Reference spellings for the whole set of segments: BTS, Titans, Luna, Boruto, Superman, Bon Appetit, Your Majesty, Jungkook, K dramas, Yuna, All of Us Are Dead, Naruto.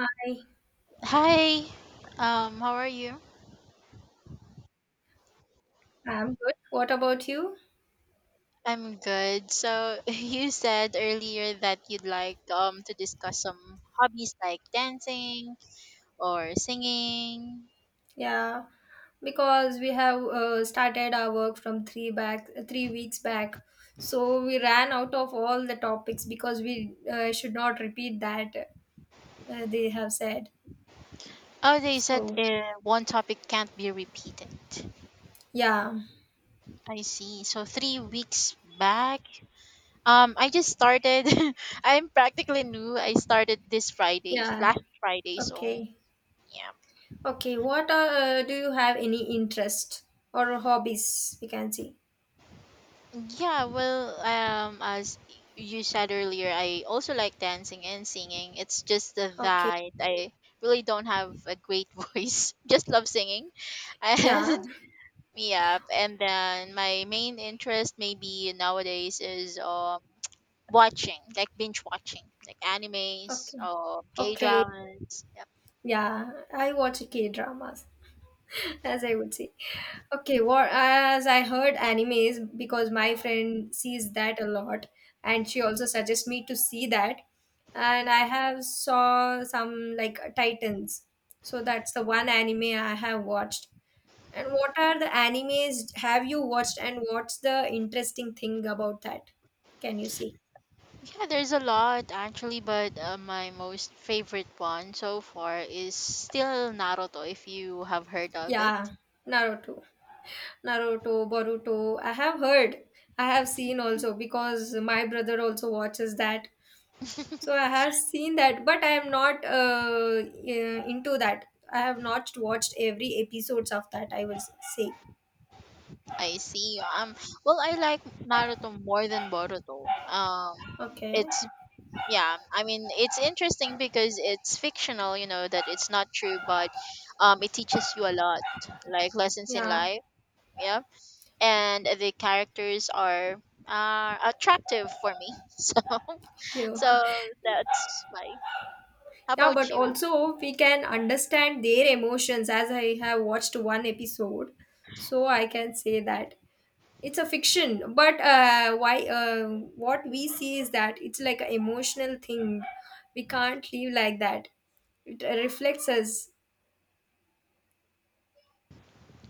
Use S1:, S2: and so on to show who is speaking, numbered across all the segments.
S1: Hi,
S2: Hi. How are you?
S1: I'm good. What about you?
S2: I'm good. So you said earlier that you'd like to discuss some hobbies like dancing or singing.
S1: Yeah, because we have started our work from 3 weeks back, so we ran out of all the topics because we should not repeat that they have said.
S2: Oh, they said
S1: So
S2: one topic can't be repeated.
S1: yeah,
S2: I see. So 3 weeks back, I just started. I'm practically new. I started this Friday,
S1: yeah,
S2: last Friday. So
S1: okay,
S2: yeah.
S1: okay. Do you have any interest or hobbies? We can see.
S2: Yeah, well, as you said earlier, I also like dancing and singing. It's just that
S1: Okay,
S2: I really don't have a great voice. Just love singing.
S1: yeah,
S2: And yeah, and then my main interest maybe nowadays is watching, like binge watching, like animes
S1: okay,
S2: or K
S1: okay.
S2: dramas. Yep.
S1: Yeah, I watch K dramas, as I would say. Okay, what, as I heard, animes, because my friend sees that a lot, and she also suggests me to see that. And I have saw some like Titans, so that's the one anime I have watched. And what are the animes have you watched, and what's the interesting thing about that? Can you see?
S2: Yeah, there's a lot actually, but my most favorite one so far is still Naruto, if you have heard of
S1: Yeah,
S2: it.
S1: Naruto. Naruto, Boruto. I have heard. I have seen also because my brother also watches that. So I have seen that, but I am not into that. I have not watched every episodes of that, I will say.
S2: I see. Well, I like Naruto more than Boruto.
S1: Okay.
S2: It's yeah. I mean, it's interesting because it's fictional. You know that it's not true, but it teaches you a lot, like lessons in
S1: Yeah.
S2: life. Yeah, and the characters are attractive for me. So,
S1: Yeah.
S2: so that's why. How
S1: Yeah.
S2: about
S1: But
S2: you?
S1: also we can understand their emotions, as I have watched one episode, so I can say that it's a fiction. But why? What we see is that it's like an emotional thing. We can't live like that. It reflects us.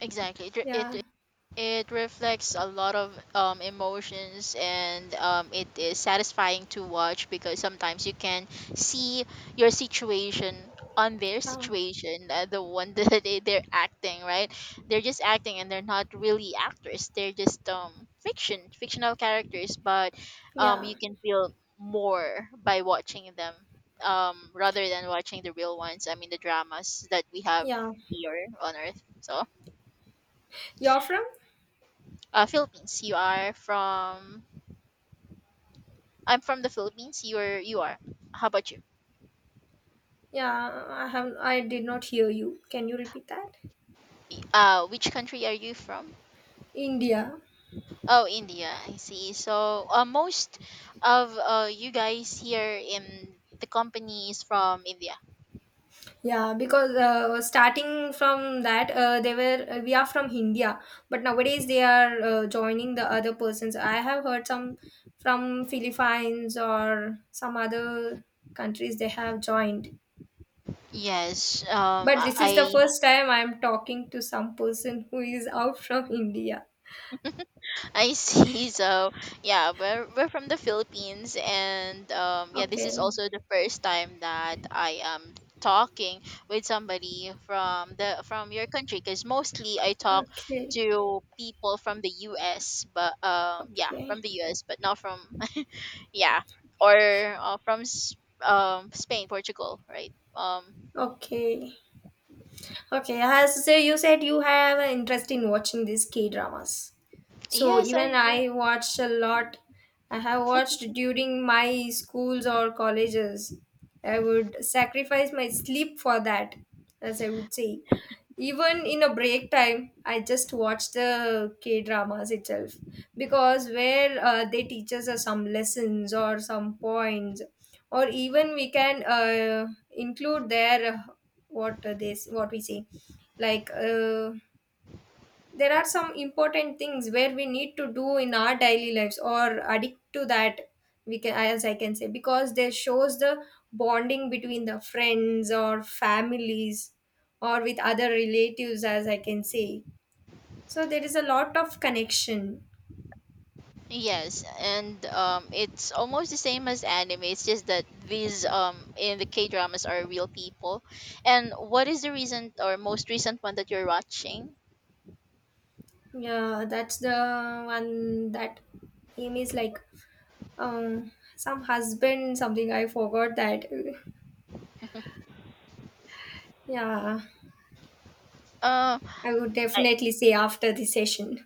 S2: Exactly. It it,
S1: Yeah.
S2: It reflects a lot of emotions and it is satisfying to watch because sometimes you can see your situation on their
S1: Yeah.
S2: situation, the one that they're acting, right? They're just acting and they're not really actors. They're just fictional characters, but
S1: Yeah.
S2: you can feel more by watching them rather than watching the real ones. I mean, the dramas that we have
S1: Yeah.
S2: here on Earth. So.
S1: You're from?
S2: Philippines. You are from. I'm from the Philippines. You are. You are. How about you?
S1: Yeah, I have. I did not hear you. Can you repeat that?
S2: Which country are you from?
S1: India.
S2: Oh, India. I see. So, most of you guys here in the company is from India.
S1: Yeah, because starting from that, they were we are from India, but nowadays they are joining the other persons. I have heard some from Philippines or some other countries they have joined.
S2: Yes. Um,
S1: But this is the
S2: I I
S1: first time I'm talking to some person who is out from India.
S2: I see. So yeah, we're from the Philippines, and yeah, this
S1: Okay,
S2: is also the first time that I am talking with somebody from the from your country because mostly I talk
S1: okay,
S2: to people from the U.S. But yeah,
S1: okay,
S2: from the U.S. but not from yeah or from Spain, Portugal, right?
S1: okay. Okay, as so you said, you have an interest in watching these K dramas. So
S2: Yes,
S1: even
S2: I do.
S1: I watched a lot. I have watched during my schools or colleges. I would sacrifice my sleep for that, as I would say. Even in a break time, I just watch the K dramas itself because where they teaches us some lessons or some points, or even we can include their what they what we say like uh, there are some important things where we need to do in our daily lives or addict to that we can, as I can say, because they shows the bonding between the friends or families or with other relatives, as I can say. So there is a lot of connection.
S2: Yes, and it's almost the same as anime. It's just that these in the K dramas are real people. And what is the recent or most recent one that you're watching?
S1: Yeah, that's the one that aim is like, um some husband something, I forgot that. Yeah,
S2: Uh,
S1: I would
S2: I,
S1: definitely say after the session.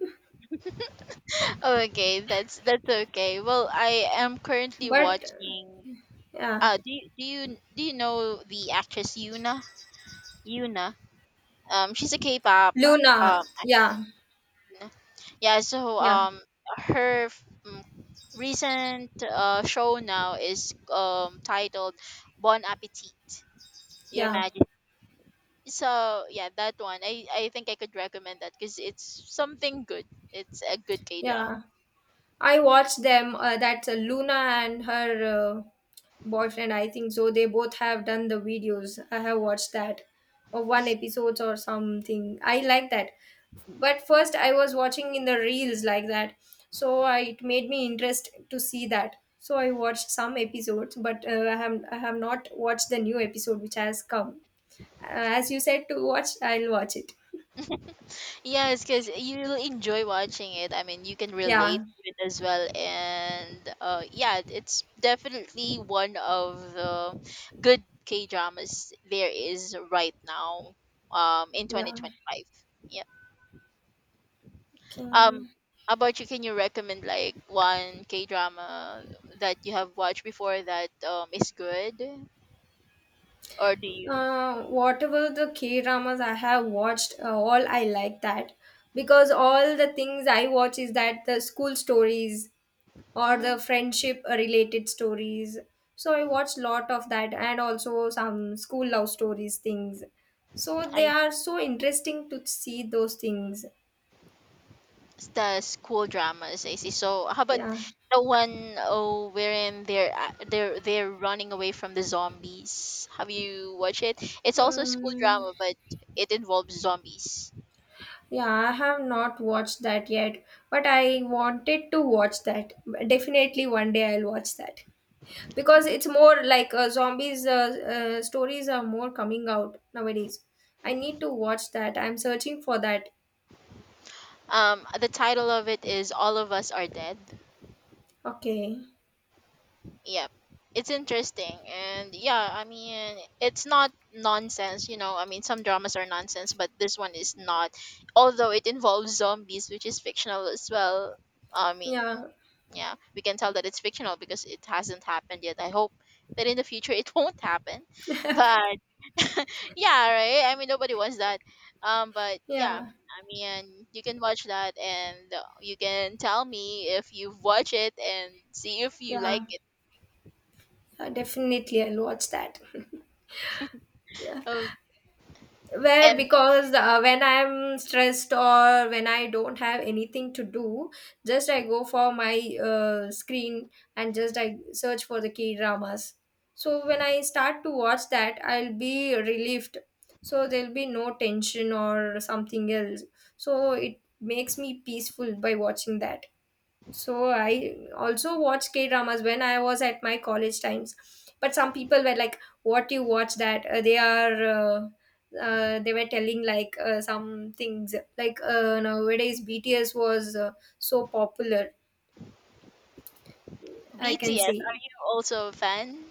S2: okay, that's okay. Well, I am currently
S1: But
S2: watching.
S1: yeah.
S2: Do you do you know the actress Yuna? Yuna. She's a K-pop uh,
S1: Luna.
S2: um
S1: Yeah.
S2: yeah, so
S1: Yeah.
S2: her mm, recent show now is titled Bon Appetit, Your
S1: Yeah.
S2: Majesty. So yeah, that one I think I could recommend that because it's something good. It's a good K drama.
S1: Yeah, I watched them. That's Luna and her boyfriend, I think so. They both have done the videos. I have watched that. Or one episode or something. I like that. But first, I was watching in the reels like that. So I, it made me interest to see that. So I watched some episodes, but I have not watched the new episode which has come. As you said to watch, I'll watch it.
S2: Yes, because you'll enjoy watching it. I mean, you can relate
S1: Yeah,
S2: to it as well, and yeah, it's definitely one of the good K dramas there is right now, in twenty
S1: yeah.
S2: twenty five. Yeah. Um,
S1: Okay.
S2: how about you? Can you recommend like one K drama that you have watched before that is good, or do you?
S1: Whatever the K dramas I have watched, all I like that, because all the things I watch is that the school stories or the
S2: Mm,
S1: friendship related stories. So I watch lot of that, and also some school love stories things. So they are so interesting to see those things.
S2: the school dramas I see. So how about
S1: Yeah.
S2: the one wherein they're running away from the zombies? Have you watched it? It's also a school
S1: Um,
S2: drama, but it involves zombies.
S1: yeah, I have not watched that yet, but I wanted to watch that. Definitely one day I'll watch that, because it's more like zombies stories are more coming out nowadays. I need to watch that, I'm searching for that.
S2: The title of it is "All of Us Are Dead."
S1: Okay,
S2: Yep. It's interesting. And yeah, I mean, it's not nonsense, you know. I mean, some dramas are nonsense, but this one is not. Although it involves zombies, which is fictional as well. I mean,
S1: yeah,
S2: yeah, we can tell that it's fictional because it hasn't happened yet. I hope that in the future it won't happen. But yeah, right? I mean, nobody wants that. But yeah.
S1: yeah,
S2: I mean, you can watch that and you can tell me if you've watched it and see if you like
S1: yeah,
S2: it.
S1: yeah, definitely I'll watch that. Yeah,
S2: Oh,
S1: where,
S2: and
S1: because when I'm stressed or when I don't have anything to do, just I go for my screen, and just I search for the K dramas. So when I start to watch that, I'll be relieved, so there'll be no tension or something else. So it makes me peaceful by watching that. So I also watched K dramas when I was at my college times. But some people were like, "What you watch that?" They are. They were telling like some things like nowadays BTS was so popular. I can
S2: BTS,
S1: say
S2: are you also a fan?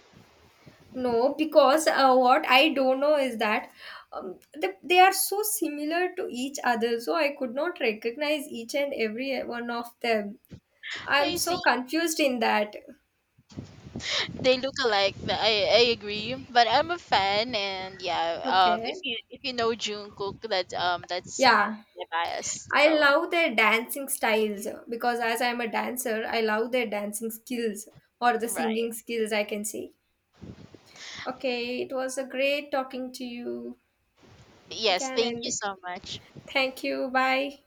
S1: no, because what I don't know is that they are so similar to each other, so I could not recognize each and every one of them. I'm
S2: I
S1: so
S2: see.
S1: confused in that.
S2: They look alike. But I agree, but I'm a fan, and yeah. If
S1: Okay.
S2: you know Jungkook, that that's
S1: Yeah.
S2: my bias.
S1: I
S2: So
S1: love their dancing styles, because as I'm a dancer, I love their dancing skills or the
S2: right.
S1: singing skills, I can say. Okay, it was a great talking to you. We
S2: Yes.
S1: can
S2: Thank you
S1: end.
S2: so much.
S1: Thank you. Bye.